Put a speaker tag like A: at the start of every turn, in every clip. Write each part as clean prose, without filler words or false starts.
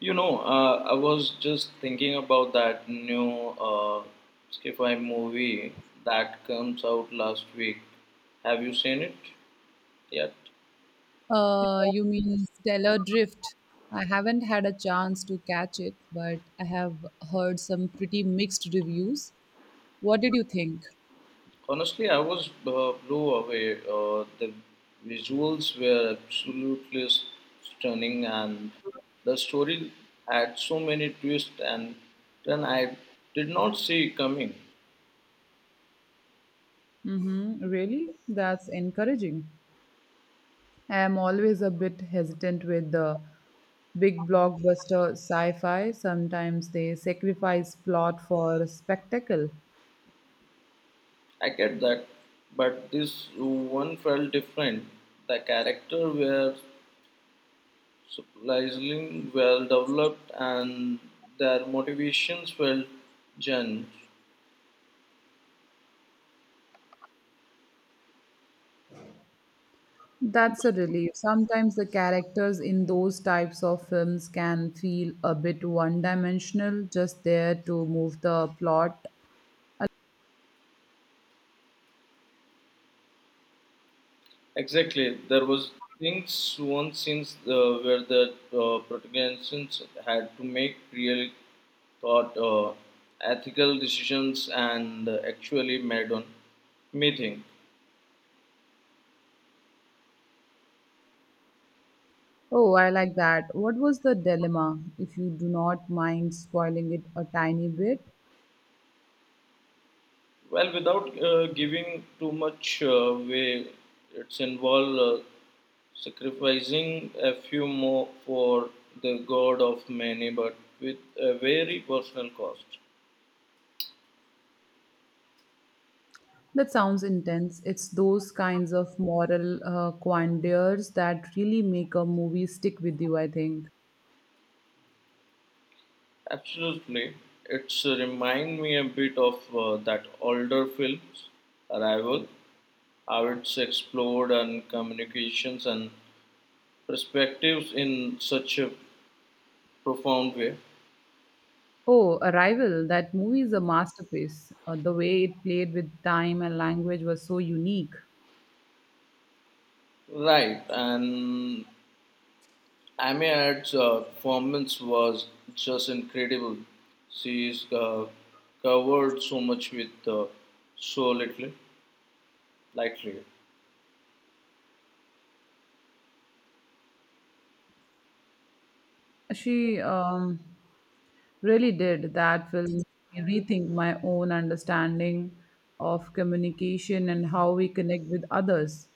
A: I was just thinking about that new uh, sci-fi movie that comes out last week. Have you seen it yet?
B: You mean Stellar Drift? I haven't had a chance to catch it, but I have heard some pretty mixed reviews. What did you think?
A: Honestly, I was blew away. The visuals were absolutely stunning, and the story had so many twists and turns I did not see coming.
B: Mm-hmm. Really? That's encouraging. I am always a bit hesitant with the big blockbuster sci fi. Sometimes they sacrifice plot for spectacle.
A: I get that, but this one felt different. The character were surprisingly well developed and their motivations were genuine.
B: That's a relief. Sometimes the characters in those types of films can feel a bit one dimensional, just there to move the plot.
A: Exactly, there was things one since where the protagonists had to make real thought, ethical decisions, and actually made on meeting.
B: Oh, I like that. What was the dilemma, if you do not mind spoiling it a tiny bit?
A: Well, without giving too much way, it's involved. Sacrificing a few more for the god of many, but with a very personal cost.
B: That sounds intense. It's those kinds of moral quandaries that really make a movie stick with you, I think.
A: Absolutely, it's remind me a bit of that older films, Arrival, how it's explored and communications and perspectives in such a profound way.
B: Oh, Arrival, that movie is a masterpiece. The way it played with time and language was so unique.
A: Right, and Amy Ad's performance was just incredible. She is covered so much with so little, lightly.
B: She really did. That will make me rethink my own understanding of communication and how we connect with others.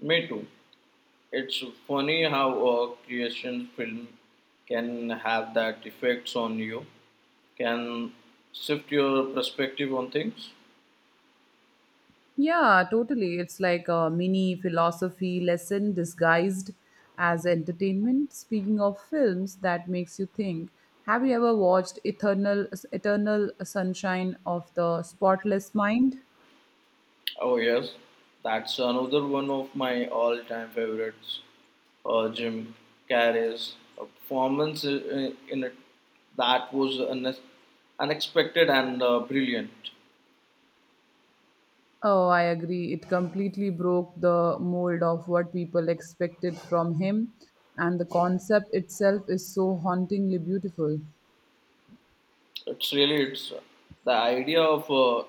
A: Me too. It's funny how a creation film can have that effects on you, can shift your perspective on things.
B: Yeah, totally. It's like a mini philosophy lesson disguised as entertainment. Speaking of films, that makes you think. Have you ever watched Eternal Sunshine of the Spotless Mind?
A: Oh yes, that's another one of my all-time favorites. Jim Carrey's performance in it that was unexpected and brilliant.
B: Oh, I agree. It completely broke the mold of what people expected from him, and the concept itself is so hauntingly beautiful.
A: It's really it's the idea of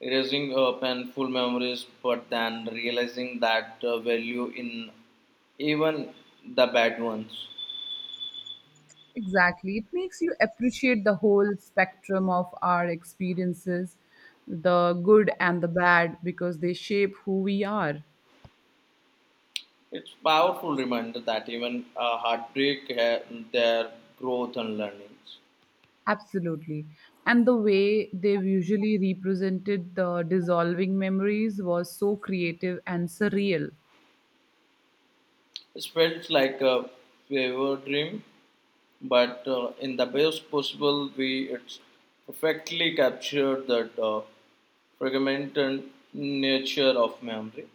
A: erasing painful memories, but then realizing that value in even the bad ones.
B: Exactly. It makes you appreciate the whole spectrum of our experiences, the good and the bad, because they shape who we are.
A: It's powerful reminder that even heartbreak had their growth and learnings.
B: Absolutely. And the way they visually represented the dissolving memories was so creative and surreal.
A: It felt like a fever dream, but in the best possible way, it's perfectly captured that fragmented nature of memory.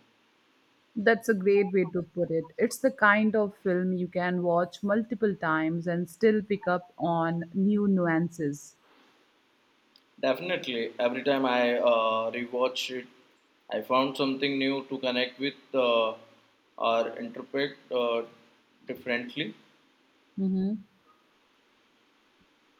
B: That's a great way to put it. It's the kind of film you can watch multiple times and still pick up on new nuances.
A: Definitely, every time I rewatch it, I found something new to connect with or interpret differently.
B: Hmm.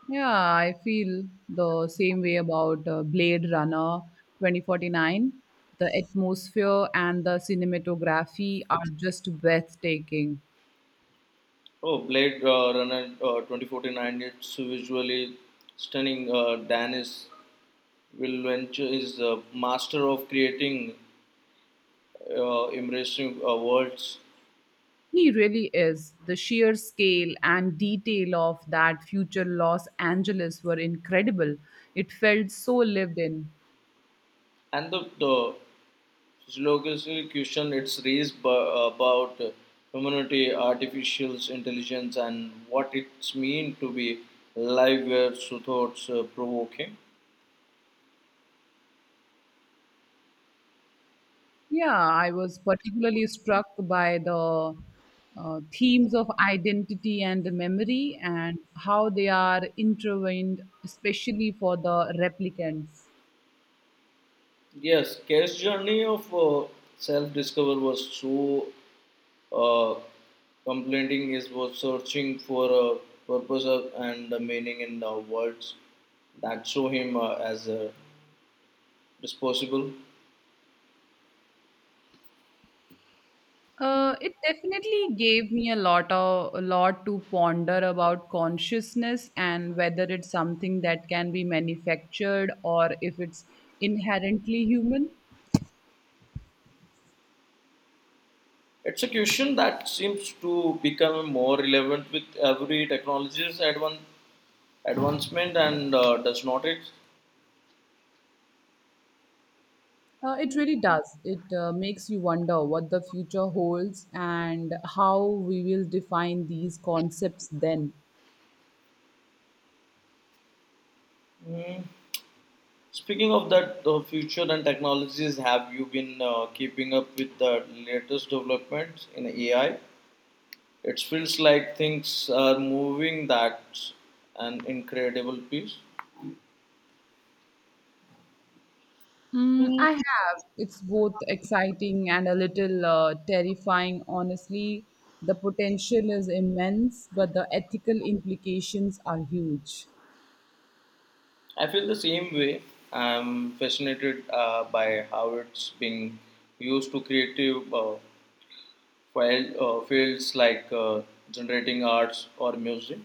B: Yeah, I feel the same way about Blade Runner 2049. The atmosphere and the cinematography are just breathtaking.
A: Oh, Blade Runner 2049, it's visually stunning Danish Will Venture is the master of creating embracing words
B: He really is. The sheer scale and detail of that future Los Angeles were incredible. It felt so lived in.
A: and the philosophical question it's raised by, about humanity, artificial intelligence, and what it's mean to be alive. Were so thoughts provoking.
B: Yeah, I was particularly struck by the themes of identity and memory and how they are intertwined, especially for the replicants.
A: Yes, Care's journey of self-discovery was so Uh, complaining is was searching for a and a meaning in the words that show him as a disposable.
B: It definitely gave me a lot to ponder about consciousness and whether it's something that can be manufactured or if it's inherently human.
A: It's a question that seems to become more relevant with every technology's advancement and does not it?
B: It really does. It makes you wonder what the future holds and how we will define these concepts then.
A: Mm. Speaking of that, the future and technologies, have you been keeping up with the latest developments in AI? It feels like things are moving. That's an incredible piece.
B: Mm, I have. It's both exciting and a little terrifying, honestly. The potential is immense, but the ethical implications are huge.
A: I feel the same way. I'm fascinated by how it's being used to creative field, fields like generating arts or music.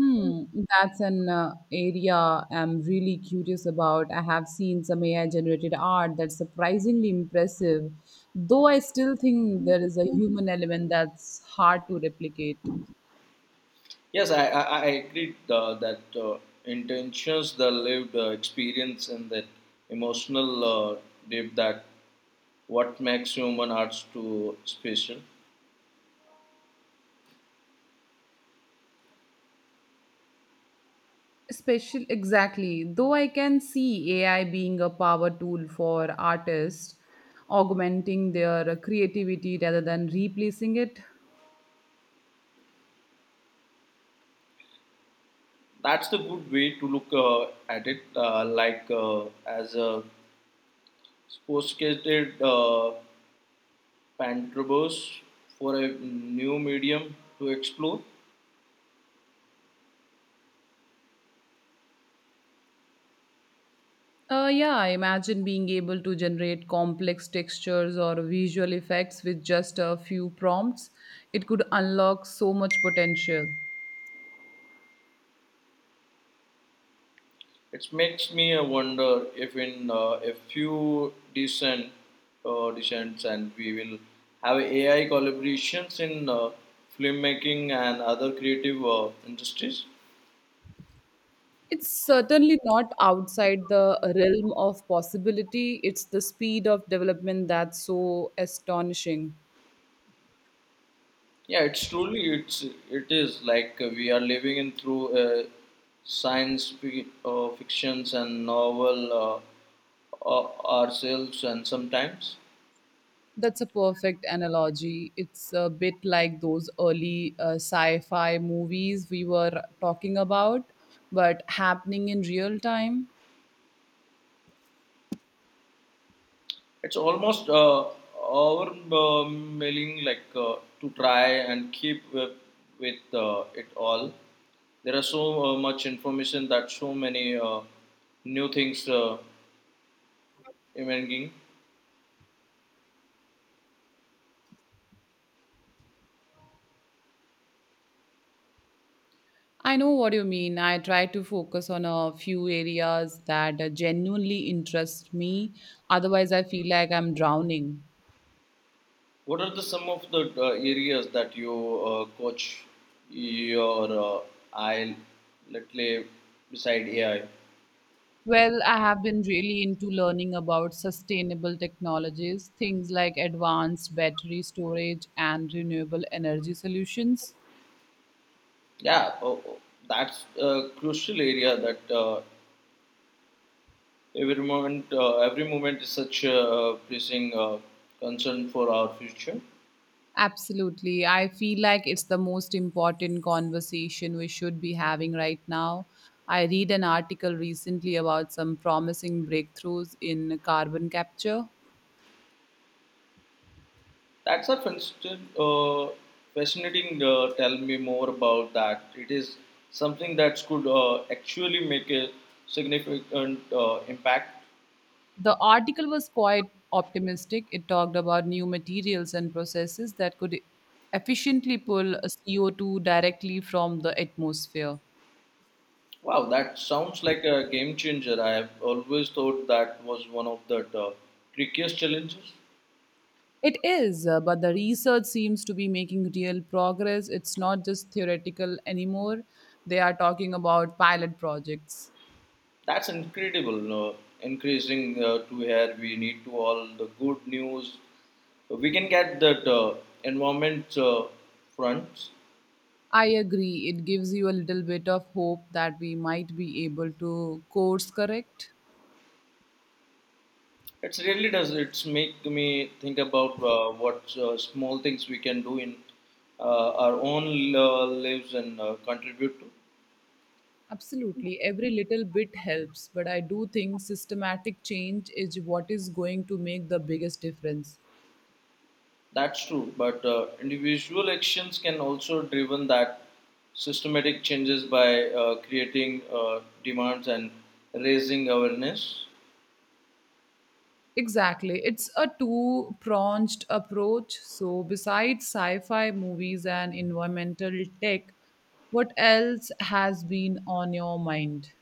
B: Hmm, that's an area I'm really curious about. I have seen some AI generated art that's surprisingly impressive, though I still think there is a human element that's hard to replicate.
A: Yes, I agree that intentions, the lived experience, and that emotional depth that what makes human arts too special.
B: Special, exactly. Though I can see AI being a power tool for artists, augmenting their creativity rather than replacing it.
A: That's the good way to look at it. Like as a sophisticated pantrobos for a new medium to explore.
B: Yeah, I imagine being able to generate complex textures or visual effects with just a few prompts. It could unlock so much potential.
A: It makes me wonder if in a few decents and we will have AI collaborations in filmmaking and other creative industries.
B: It's certainly not outside the realm of possibility. It's the speed of development that's so astonishing.
A: Yeah, it's truly it is like we are living in through science fictions and novel ourselves, and sometimes
B: That's a perfect analogy. It's a bit like those early sci fi movies we were talking about, but happening in real time.
A: it's almost overwhelming like to try and keep with it all. There are so much information that so many new things emerging.
B: I know what you mean. I try to focus on a few areas that genuinely interest me. Otherwise, I feel like I'm drowning.
A: What are the some of the areas that you coach your I let's say beside AI?
B: Well, I have been really into learning about sustainable technologies, things like advanced battery storage and renewable energy solutions.
A: Yeah, oh, that's a crucial area that every moment is such a pressing concern for our future.
B: Absolutely. I feel like it's the most important conversation we should be having right now. I read an article recently about some promising breakthroughs in carbon capture.
A: That's a fascinating. Fascinating. Tell me more about that. It is something that could actually make a significant impact.
B: The article was quite optimistic. It talked about new materials and processes that could efficiently pull CO2 directly from the atmosphere.
A: Wow, that sounds like a game changer. I have always thought that was one of the trickiest challenges.
B: It is, but the research seems to be making real progress. It's not just theoretical anymore. They are talking about pilot projects.
A: That's incredible. Increasing to here, we need to all the good news. We can get that environment fronts.
B: I agree. It gives you a little bit of hope that we might be able to course correct.
A: It really does. It's make me think about what small things we can do in our own lives and contribute to.
B: Absolutely, every little bit helps, but I do think systematic change is what is going to make the biggest difference.
A: That's true, but individual actions can also driven that systematic changes by creating demands and raising awareness.
B: Exactly, it's a two pronged approach. So, besides sci fi movies and environmental tech, what else has been on your mind?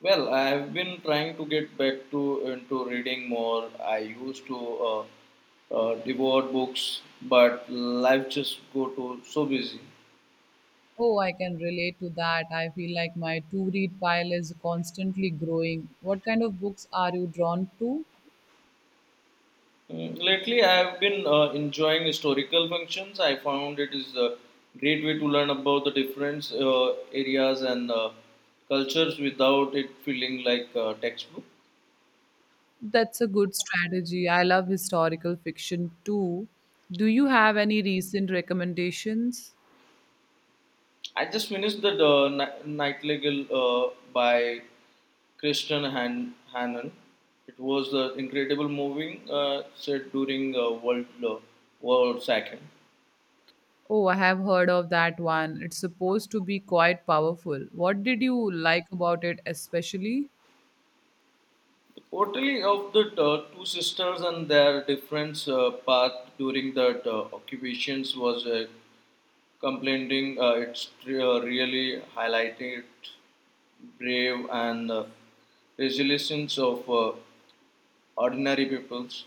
A: Well, I have been trying to get back to into reading more. I used to uh, devour books, but life just go to so busy.
B: Oh, I can relate to that. I feel like my to read pile is constantly growing. What kind of books are you drawn to?
A: Mm, lately, I have been enjoying historical functions. I found it is a great way to learn about the different areas and cultures without it feeling like a textbook.
B: That's a good strategy. I love historical fiction too. Do you have any recent recommendations?
A: I just finished the Nightingale by Christian Hannon. It was an incredible moving set during World War Second.
B: Oh, I have heard of that one. It's supposed to be quite powerful. What did you like about it, especially?
A: Portrayal of the 2 sisters and their different path during the occupations was complementing. It's really highlighted brave and resilience of ordinary peoples.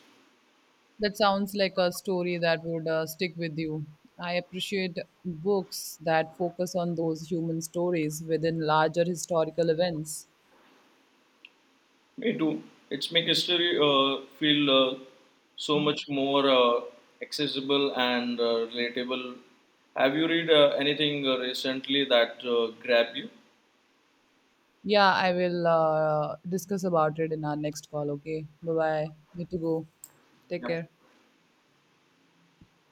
B: That sounds like a story that would stick with you. I appreciate books that focus on those human stories within larger historical events.
A: Me too. It's make history feel so much more accessible and relatable. Have you read anything recently that grabbed you?
B: Yeah, I will discuss about it in our next call. Okay. Bye bye. Need to go. Take care.